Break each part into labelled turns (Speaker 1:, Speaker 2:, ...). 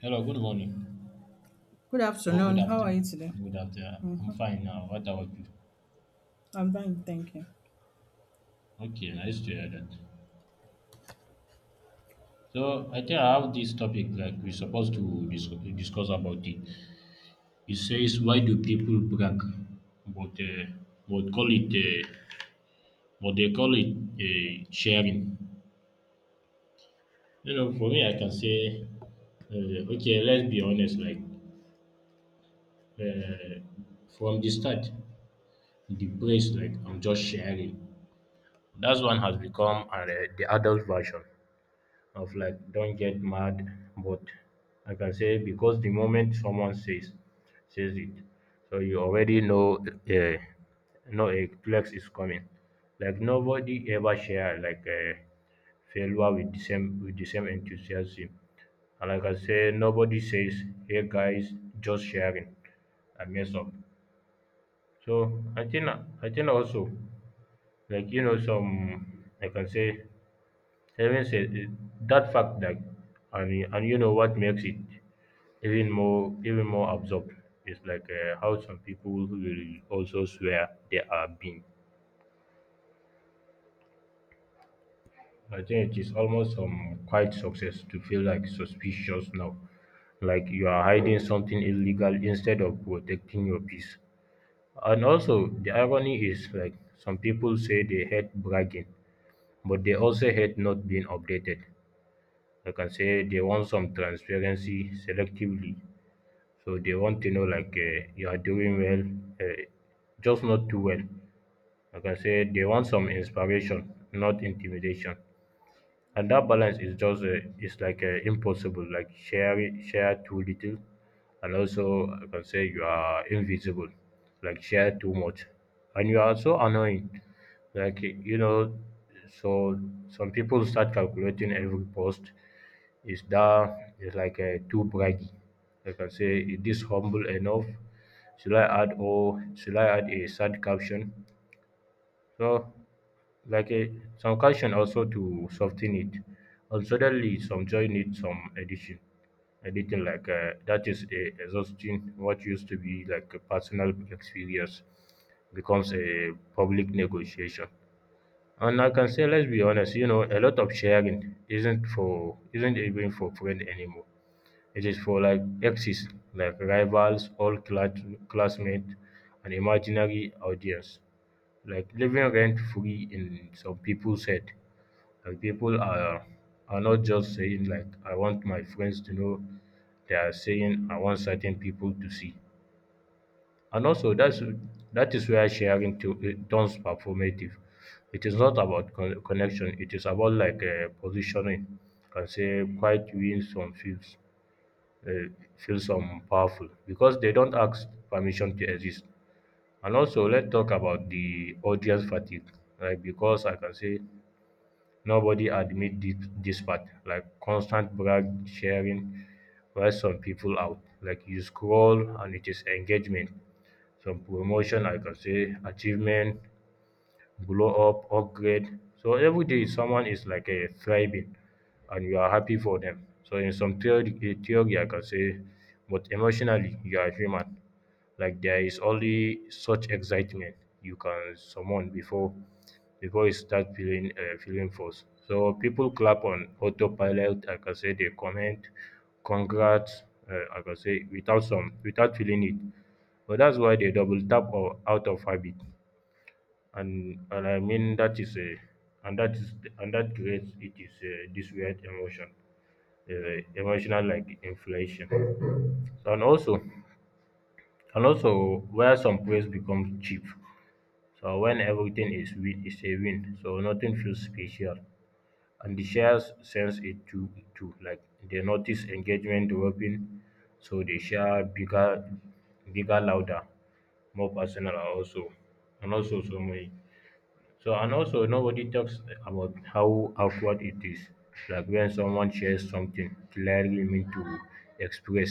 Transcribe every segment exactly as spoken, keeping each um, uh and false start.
Speaker 1: Hello, good morning
Speaker 2: Good
Speaker 1: or good
Speaker 2: afternoon. How are you
Speaker 1: afternoon.
Speaker 2: today?
Speaker 1: Good afternoon. I'm fine now. What about you?
Speaker 2: I'm fine, thank you.
Speaker 1: Okay, nice to hear that. So I think I have this topic like we're supposed to dis- discuss about it. It says why do people brag but uh, what call it uh, what they call it, uh, sharing. You know, for me, I can say, uh, okay, let's be honest. Like uh, from the start, the praise like I'm just sharing. That one has become uh, the adult version of like don't get mad, but like I can say because the moment someone says says it, so you already know uh, know a flex is coming. Like nobody ever share like a failure with the same with the same enthusiasm. And like I say, nobody says, "Hey guys, just sharing." I mess up. So I think I think also like you know some like I can say even say that fact that, and and you know what makes it even more even more absurd is like uh, how some people will also swear they are being. I think it is almost some quite success to feel like suspicious now, like you are hiding something illegal instead of protecting your peace. And also the irony is like some people say they hate bragging, but they also hate not being updated. Like I can say they want some transparency selectively. So they want to know like uh, you are doing well, uh, just not too well. Like I said, they want some inspiration, not intimidation, and that balance is just uh, is like uh, impossible. Like share share too little, and also I can say you are invisible. Like share too much and you are so annoying, like you know. So some people start calculating every post. Is that is like uh, too braggy? I can say, is this humble enough? Should i add or should i add a sad caption? So like a, some calcium also to soften it. And suddenly, some joy needs some addition, editing like uh, that is a exhausting. What used to be like a personal experience becomes a public negotiation. And I can say, let's be honest, you know, a lot of sharing isn't for isn't even for friend anymore. It is for like exes, like rivals, old cla- classmates, an imaginary audience like living rent free in some people's head. Like people are are not just saying like I want my friends to know. They are saying I want certain people to see. And also that's that is where sharing to it turns performative. It is not about con- connection. It is about like uh, positioning. Can say quite wins some feels uh, feel some powerful because they don't ask permission to exist. And also, let's talk about the audience fatigue, like because I can say nobody admit this, this part, like constant brag sharing, while some people out. Like you scroll and it is engagement, some promotion, I can say achievement, glow up, upgrade. So every day someone is like a thriving and you are happy for them. So in some theory, eh, theory I can say, but emotionally you are human. Like there is only such excitement you can summon before before you start feeling uh, feeling force. So people clap on autopilot. I can say they comment, congrats. Uh, I can say without some without feeling it. But that's why they double tap or out of habit. And and I mean that is a and that is and that creates it is uh, this weird emotion, uh, emotional like inflation. So and also and also where some praise becomes cheap. So when everything is win is a win, so nothing feels special. And the shares sense it too too. Like they notice engagement dropping, so they share bigger bigger louder, more personal also. And also so many so, and also nobody talks about how awkward it is, like when someone shares something clearly meant to express,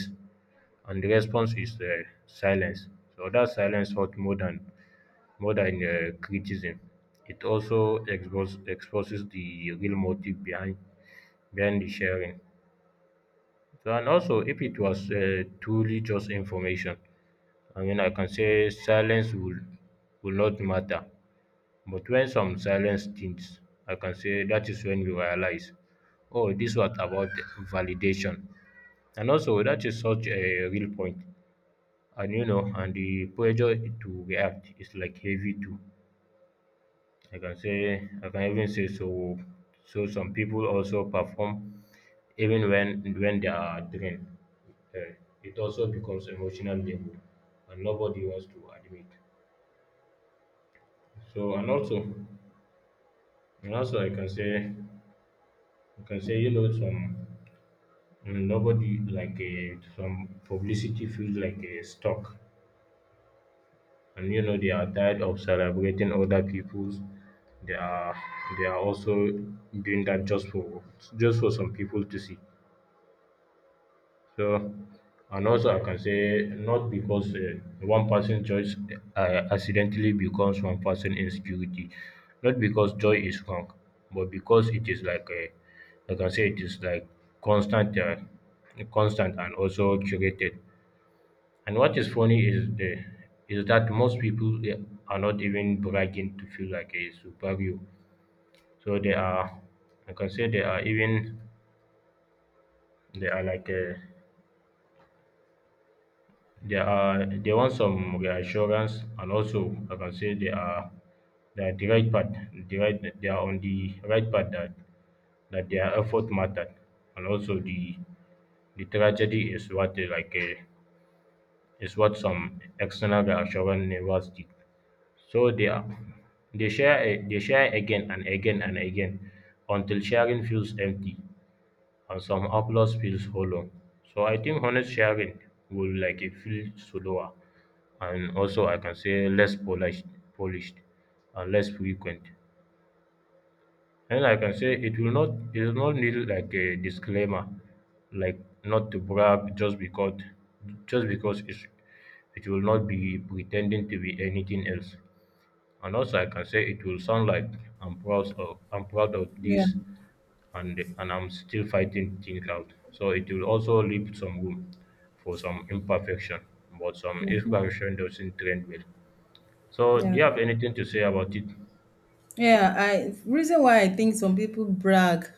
Speaker 1: and the response is uh, silence. So that silence hurts more than more than uh, criticism. It also expose, exposes the real motive behind behind the sharing. So, and also if it was uh, truly just information, I mean, I can say silence will will not matter, but when some silence stinks, I can say that is when you realize, oh, this was about validation. And also, that is such a real point. And you know, and the pressure to react is like heavy too. I can say, I can even say so. So some people also perform even when when they are drained. Uh, it also becomes emotional labor, and nobody wants to admit. So and also, and also I can say you can say, you know, some mm, nobody like a some publicity feels like a stock, and you know they are tired of celebrating other people's. They are they are also doing that just for just for some people to see. So, and also I can say not because uh, one person choice uh, accidentally becomes one person insecurity, not because joy is wrong, but because it is like a, I can say it is like constant, uh, constant and also curated. And what is funny is the is that most people they are not even bragging to feel like a superhero. So they are, I can say they are even they are like a, they are they want some reassurance, and also I can say they are they are the right path. The right they are on the right path that that their effort mattered, and also the the tragedy is what they like uh, is what some external reassurance never did. So they are they share a- they share again and again and again until sharing feels empty and some applause feels hollow. So I think honest sharing will like it feel slower, and also I can say less polished polished and less frequent. And I can say it will not it will not need like a disclaimer, like not to brag just because just because it's it will not be pretending to be anything else. And also I can say it will sound like I'm proud of I'm proud of
Speaker 2: Yeah,
Speaker 1: this, and and I'm still fighting things out. So it will also leave some room for some imperfection, but some imperfection doesn't trend well. So do
Speaker 2: yeah,
Speaker 1: you have anything to say about it?
Speaker 2: yeah. I reason why I think some people brag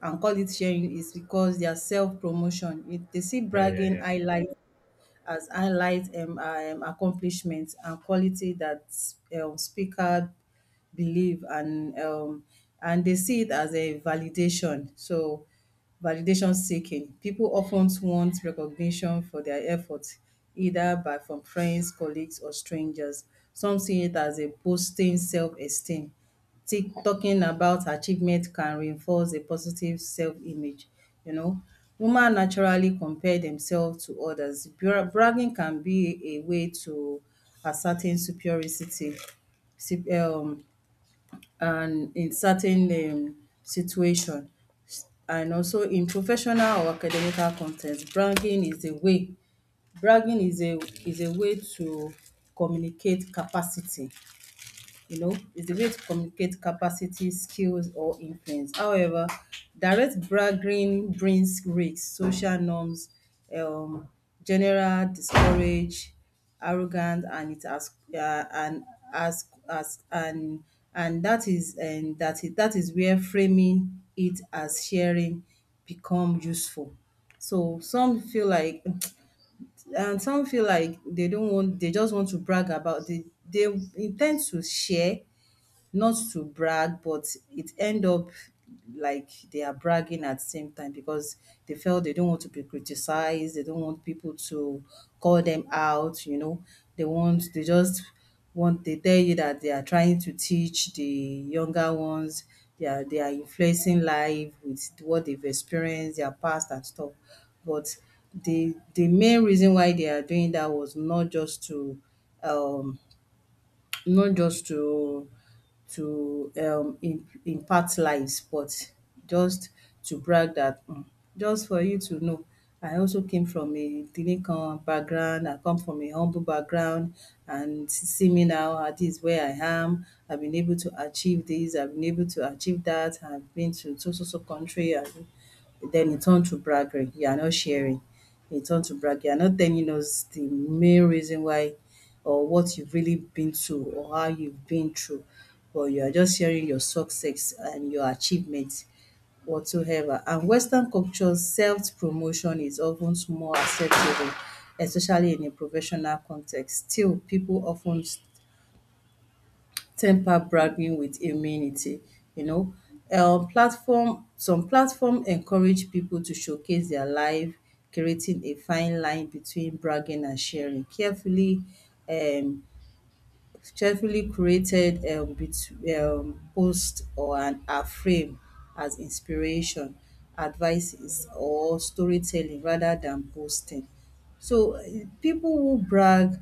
Speaker 2: and call it sharing is because their self promotion. If they see
Speaker 1: Yeah, yeah,
Speaker 2: bragging
Speaker 1: yeah.
Speaker 2: highlight as highlight um, um, accomplishments and quality that um, speaker believe and um, and they see it as a validation. So validation seeking. People often want recognition for their efforts, either by from friends, colleagues, or strangers. Some see it as a boosting self-esteem, t- talking about achievement can reinforce a positive self-image. You know, women naturally compare themselves to others. Bra- Bragging can be a way to ascertain superiority si- um, and in certain um, situation. And also in professional or academical context, bragging is a way bragging is a is a way to communicate capacity, you know, is the way to communicate capacity, skills, or influence. However, direct bragging brings risks, social norms, um, general discourage, arrogant, and it as uh, and as as and and that is and that is that is where framing it as sharing become useful. So some feel like and some feel like they don't want they just want to brag about they they intend to share not to brag, but it end up like they are bragging at the same time because they felt they don't want to be criticized, they don't want people to call them out, you know. They want they just want they tell you that they are trying to teach the younger ones, they are they are influencing life with what they've experienced, their past and stuff. But the the main reason why they are doing that was not just to um not just to to um im impact lives, but just to brag that um just for you to know, I also came from a kini background, I come from a humble background and see me now at this is where I am. I've been able to achieve this, I've been able to achieve that, I've been to so so so country and then it turned to braggery. You are not sharing. It turned to brag. You are not telling us the main reason why or what you've really been to or how you've been through, but you are just sharing your success and your achievements, whatsoever. And Western culture's self-promotion is often more acceptable, especially in a professional context. Still, people often temper bragging with humility, you know. Um, platform some platform encourage people to showcase their life, creating a fine line between bragging and sharing. Carefully um cheerfully created um, bet- um, post or an a frame as inspiration, advices or storytelling rather than boasting. So eh, people who brag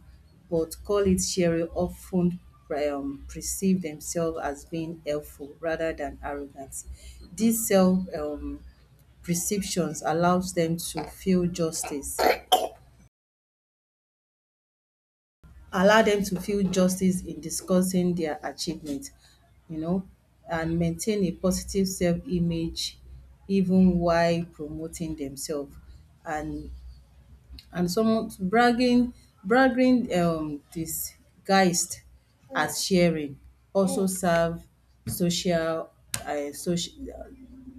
Speaker 2: but call it sharing often um, perceive themselves as being helpful rather than arrogant. These self um, perceptions allows them to feel justice allow them to feel justice in discussing their achievement, you know, and maintain a positive self-image even while promoting themselves. And and some bragging bragging um disguised as sharing also serve social um social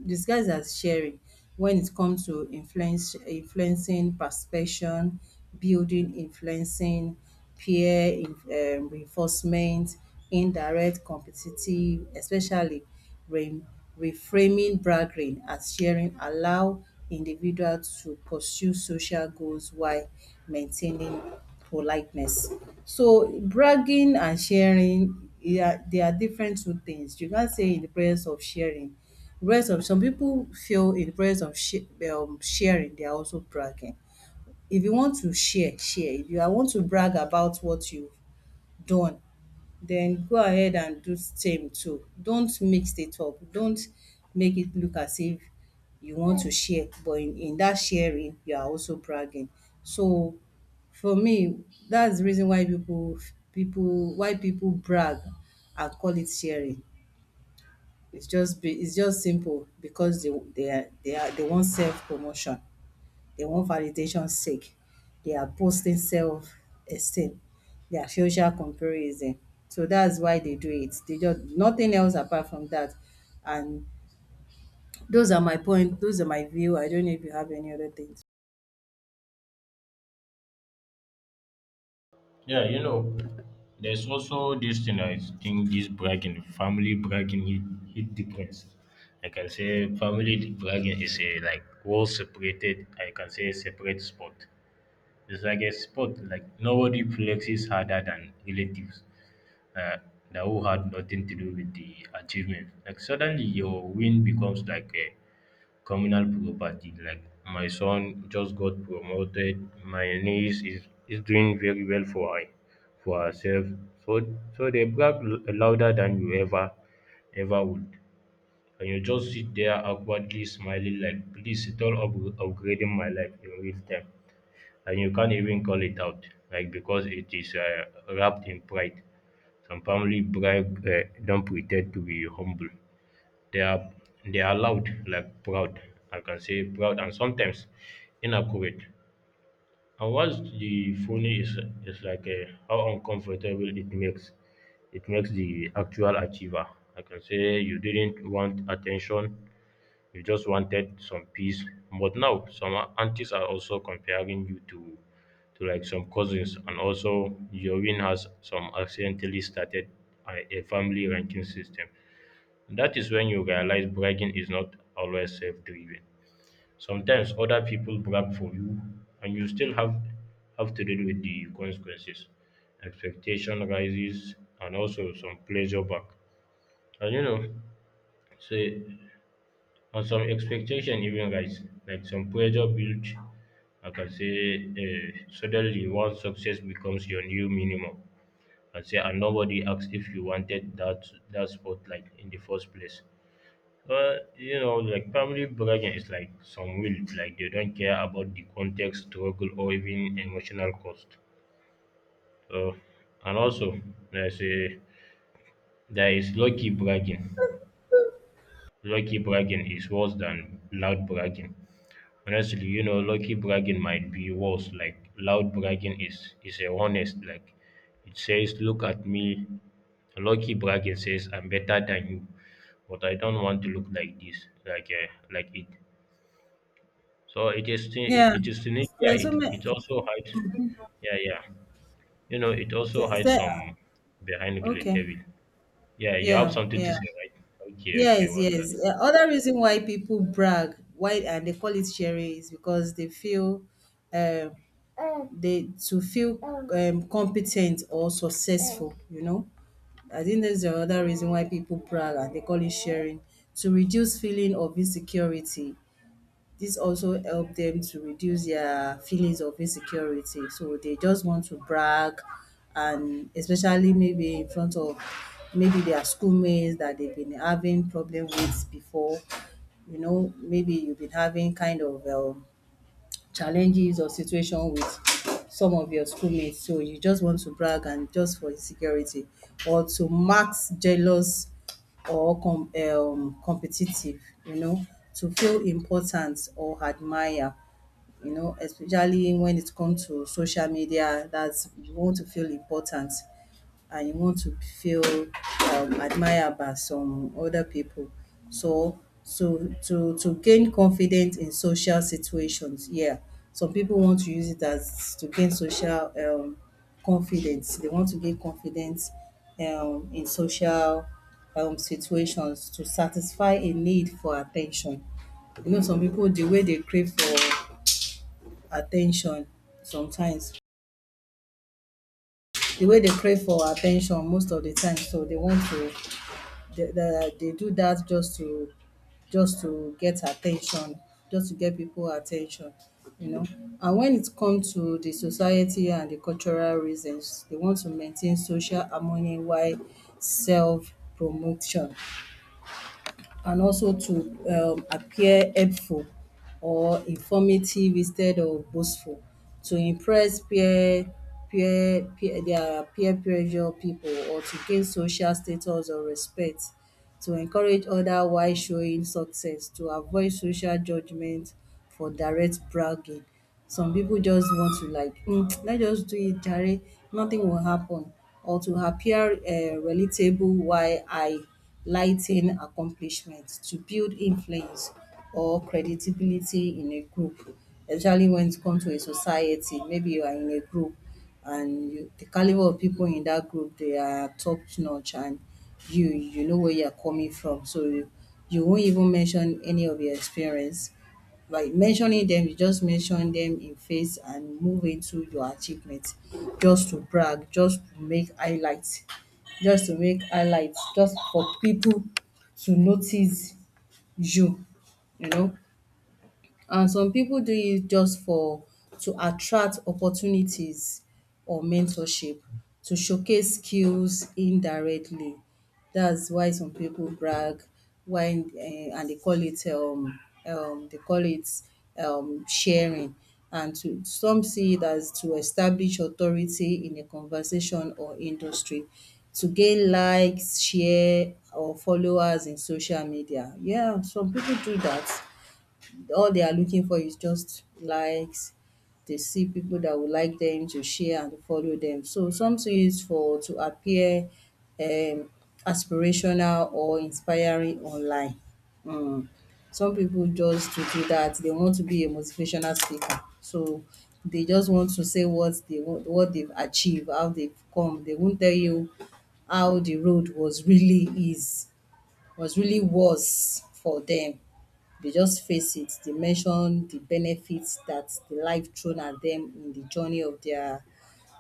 Speaker 2: disguise as sharing when it comes to influence influencing perception, building influencing peer um, reinforcement, indirect competitive, especially re- reframing bargaining as sharing allow individual to pursue social goals while maintaining politeness. So bragging and sharing, yeah, they are different two things. You can't say in the presence of sharing. Rest of some people feel in the presence of sh- um, sharing, they are also bragging. If you want to share, share. If you are want to brag about what you've done, then go ahead and do same too. Don't mix it up. Don't make it look as if you want to share, but in, in that sharing, you are also bragging. So for me, that's the reason why people people why people brag and call it sharing. It's just be it's just simple because they they are they are they want self promotion. They want validation sake. They are boosting self-esteem. They are social comparison. So that's why they do it. They just nothing else apart from that. And those are my point. Those are my view. I don't know if you have any other things.
Speaker 1: Yeah, you know, there's also this thing. I think this bragging, family bragging, it, it depends. I can say family bragging is a like well separated, I can say separate sport. It's like a sport. Like nobody flexes harder than relatives uh, that who had nothing to do with the achievement. Like suddenly your win becomes like a communal property. Like my son just got promoted. My niece is, is doing very well for her, for herself. So so they brag l- louder than you ever ever would. And you just sit there awkwardly smiling like please it's all up- upgrading my life in real time, and you can't even call it out like because it is uh, wrapped in pride. Some family brag uh, don't pretend to be humble. They are they are loud like proud, I can say proud and sometimes inaccurate. And what's the funny is is like uh, how uncomfortable it makes it makes the actual achiever. I can say you didn't want attention. You just wanted some peace. But now some aunties are also comparing you to to like some cousins, and also your win has some accidentally started a, a family ranking system. That is when you realize bragging is not always self driven. Sometimes other people brag for you and you still have have to deal with the consequences. Expectation rises and also some pleasure back. And you know, say and some expectation even rise, like some pressure built, I can say, uh, suddenly one success becomes your new minimum. I say, and nobody asks if you wanted that that spotlight in the first place. But you know, like family bragging is like some will, like they don't care about the context, struggle, or even emotional cost. So, and also, there's a there is lucky bragging. Lucky bragging is worse than loud bragging. Honestly, you know, lucky bragging might be worse. Like loud bragging is is a honest. Like it says, "Look at me." Lucky bragging says, "I'm better than you," but I don't want to look like this, like uh, like it. So it is thi-
Speaker 2: Yeah,
Speaker 1: it is sneaky. Yeah,
Speaker 2: there's so
Speaker 1: it
Speaker 2: many.
Speaker 1: it also hides. Yeah, yeah. You know, it also
Speaker 2: There,
Speaker 1: hides
Speaker 2: there,
Speaker 1: some behind
Speaker 2: okay.
Speaker 1: relatable. Yeah, you have
Speaker 2: Yeah,
Speaker 1: something to
Speaker 2: yeah.
Speaker 1: say, right? Okay, okay.
Speaker 2: Yes,
Speaker 1: What's that?
Speaker 2: yes. Uh, Other reason why people brag, why and they call it sharing, is because they feel, um, they to feel um, competent or successful. You know, I think that's the other reason why people brag and they call it sharing to reduce feeling of insecurity, this also help them to reduce their feelings of insecurity. So they just want to brag and especially maybe in front of maybe their schoolmates that they've been having problem with before. You know, maybe you've been having kind of um challenges or situation with some of your schoolmates, so you just want to brag and just for insecurity or to max jealous or com um competitive, you know, to feel important or admire, you know, especially when it comes to social media, that's you want to feel important and you want to feel um, admired by some other people. So to to to gain confidence in social situations, yeah. Some people want to use it as to gain social um, confidence. They want to gain confidence um, in social um, situations to satisfy a need for attention. You know, some people the way they crave for attention sometimes, the way they crave for attention most of the time, so they want to they, they, they do that just to just to get attention, just to get people attention, you know, and when it comes to the society and the cultural reasons they want to maintain social harmony while self promotion, and also to um, appear helpful or informative instead of boastful, to impress peer peer peer their peer pressure people or to gain social status or respect, to encourage others while showing success to avoid social judgment for direct bragging. Some people just want to like mm, let's just do it jare, nothing will happen, or to appear uh, relatable while I lighting accomplishment to build influence or credibility in a group, especially when it comes to a society. Maybe you are in a group and you, the caliber of people in that group they are top notch, and you you know where you are coming from, so you, you won't even mention any of your experience by mentioning them, you just mention them in face and move into your achievement just to brag, just to make highlights, just to make highlights, just for people to notice you, you know. And some people do it just for to attract opportunities or mentorship to showcase skills indirectly. That's why some people brag why um and they call it um um they call it um sharing, and to some see it as to establish authority in a conversation or industry to gain likes, share or followers in social media. Yeah, some people do that, all they are looking for is just likes. They see people that would like them to share and follow them. So something is for to appear um, aspirational or inspiring online. Mm. Some people just to do that, they want to be a motivational speaker. So they just want to say what they want, what they've achieved, how they've come. They won't tell you how the road was really is was really worse for them. They just face it. They mention the benefits that the life thrown at them in the journey of their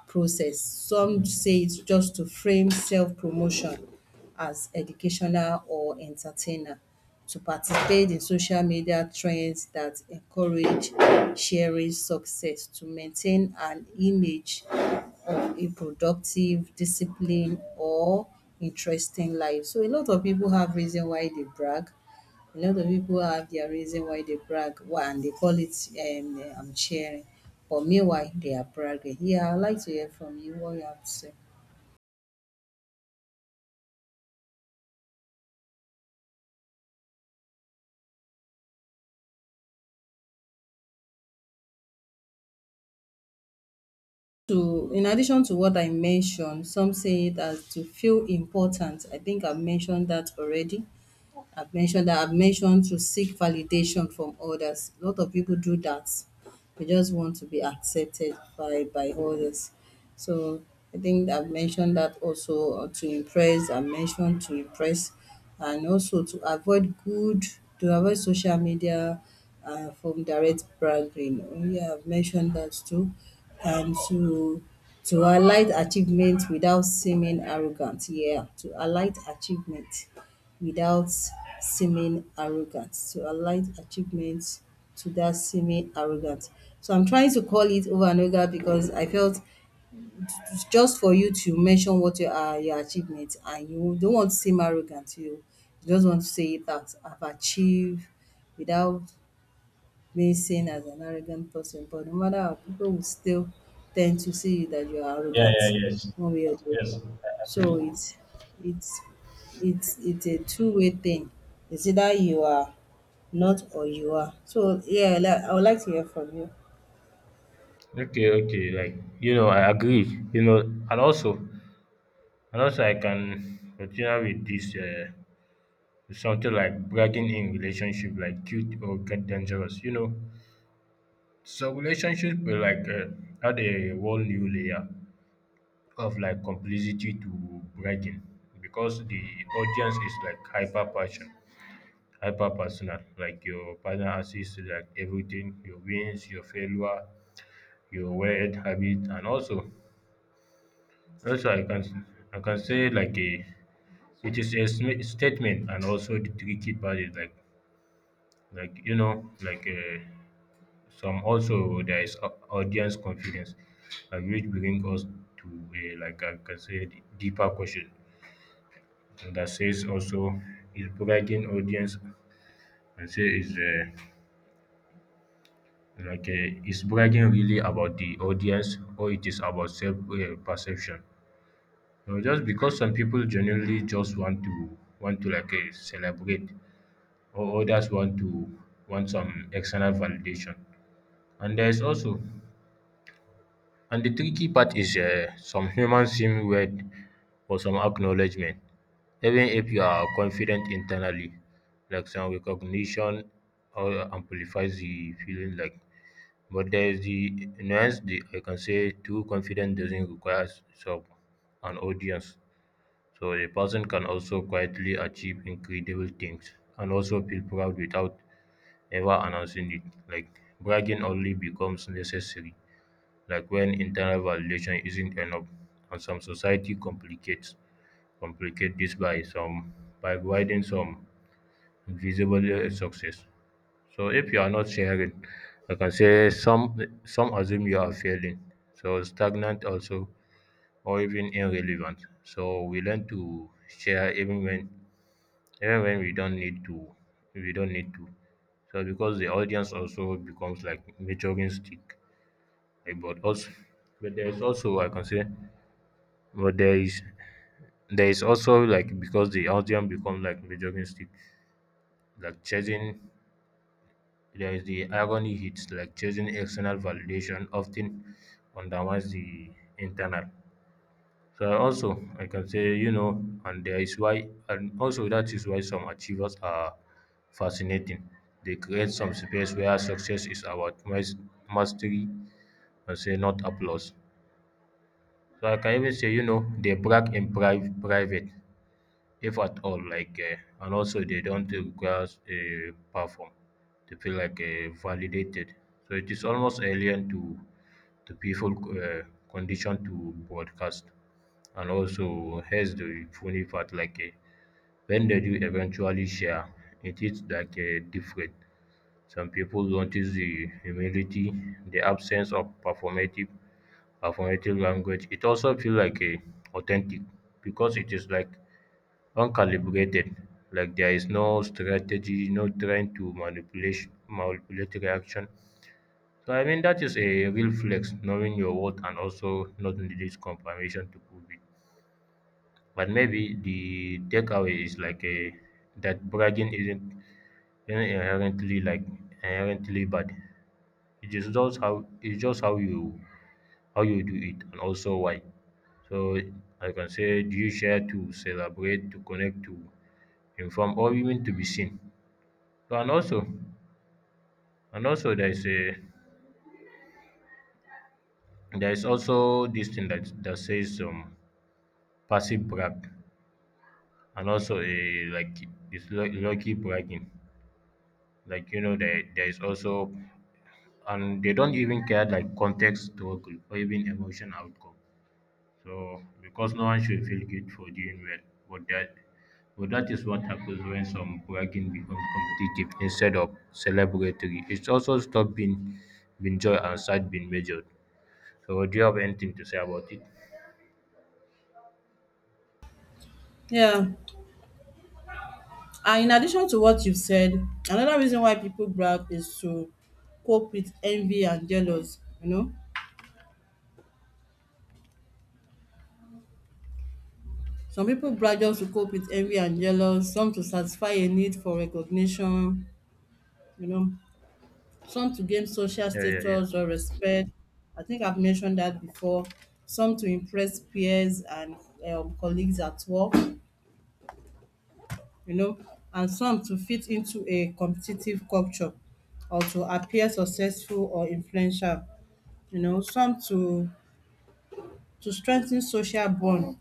Speaker 2: process. Some say it's just to frame self-promotion as educational or entertainer, to participate in social media trends that encourage sharing success, to maintain an image of a productive, disciplined or interesting life. So a lot of people have reason why they brag a lot of people have their reason why they brag why and they call it um, um, cheering, but meanwhile they are bragging. Yeah, I'd like to hear from you what you have to say. To, in addition to what I mentioned, some say it as to feel important. I think I've mentioned that already. I've mentioned that I've mentioned to seek validation from others. A lot of people do that. We just want to be accepted by by others. So I think I've mentioned that also, uh, to impress. I mentioned to impress, and also to avoid good to avoid social media uh, from direct bragging. Oh, yeah, I've mentioned that too, and to to highlight achievement without seeming arrogant. Yeah, to highlight achievement without seeming arrogant. To highlight achievements to that semi arrogant. So I'm trying to call it over and over because I felt it's just for you to mention what your uh, your achievement and you don't want to seem arrogant. You you just want to say that I've achieved without being seen as an arrogant person, but no matter how, people will still tend to see that you are
Speaker 1: Yeah,
Speaker 2: arrogant
Speaker 1: yeah, yes,
Speaker 2: one way or the
Speaker 1: yes.
Speaker 2: other.
Speaker 1: I
Speaker 2: So
Speaker 1: agree.
Speaker 2: it's it's it's it's a two-way thing. It's either you are not or you are. So yeah, li- I would like to hear from you.
Speaker 1: Okay, okay. Like you know, I agree. You know, and also, and also, I can continue with this uh, something like bragging in relationship, like cute or get dangerous. You know, so relationship will like uh, add a whole new layer of like complicity to bragging because the audience is like hyper passion, hyper personal. Like your partner sees like everything, your wins, your failure, your weird habit, and also Also, I can I can say like a it is a sma- statement, and also the tricky part is like like you know like uh, some also there is au- audience confidence, like which bring us to a like I can say d- deeper question and that says also is bragging audience and say is uh, like uh, is bragging really about the audience or it is about self uh, perception. No, just because some people generally just want to want to like uh, celebrate or others want to want some external validation. And there is also, and the tricky part is uh, some humans seem weird for some acknowledgement, even if you are confident internally, like some recognition or amplifies the feeling like. But there is the nuance the, I can say too confident doesn't require some an audience. So a person can also quietly achieve incredible things and also feel proud without ever announcing it. Like bragging only becomes necessary, like when internal validation isn't enough. And some society complicates complicate this by some by providing some invisible uh, success. So if you are not sharing, I can say some some assume you are failing. So stagnant also or even irrelevant. So we learn to share even when even when we don't need to we don't need to so because the audience also becomes like measuring stick like but also but there is also i can say but there is there is also like because the audience becomes like measuring stick like chasing there is the irony hits like chasing external validation often undermines the internal. So also I can say, you know, and there is why and also that is why some achievers are fascinating. They create some space where success is about mas- mastery and say not applause. So I can even say, you know, they brag in pri- private if at all like uh, and also they don't require a perform to feel like uh, validated, so it is almost alien to to people uh, conditioned to broadcast. And also here's the funny part like uh, when they do eventually share it is like uh, different. Some people notice the humility, the absence of performative performative language. It also feel like uh, authentic, because it is like uncalibrated. Like there is no strategy, no trying to manipulate manipulate reaction. So I mean that is a real flex, knowing your worth and also not needing confirmation to prove it. But maybe the takeaway is like a that bragging isn't isn't inherently like inherently bad. It is just how it's just how you how you do it and also why. So I can say, do you share to celebrate, to connect, to inform, or even to be seen? So and also and also there is a there is also this thing that that says um passive brag and also a like it's lu- lucky bragging. Like you know there there is also and they don't even care like context struggle or even emotion outcome. So because no one should feel good for doing well. But that but that is what happens when some bragging becomes competitive instead of celebratory. It's also stop being being joy and sad being measured. So, do you have anything to say about it?
Speaker 2: Yeah. And in addition to what you've said, another reason why people brag is to cope with envy and jealous, you know. Some people brag just to cope with envy and jealous, some to satisfy a need for recognition, you know, some to gain social
Speaker 1: Yeah, yeah, yeah.
Speaker 2: status or respect. I think I've mentioned that before. Some to impress peers and um, colleagues at work, you know, and some to fit into a competitive culture or to appear successful or influential, you know, some to to strengthen social bond.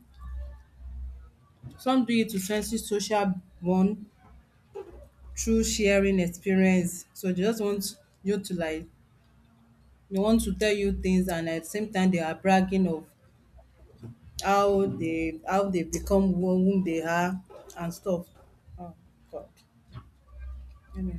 Speaker 2: Some do it to strengthen social bond through sharing experience. So they just want you to like they want to tell you things and at the same time they are bragging of how they how they become who whom they are and stuff. Oh God. Anyway.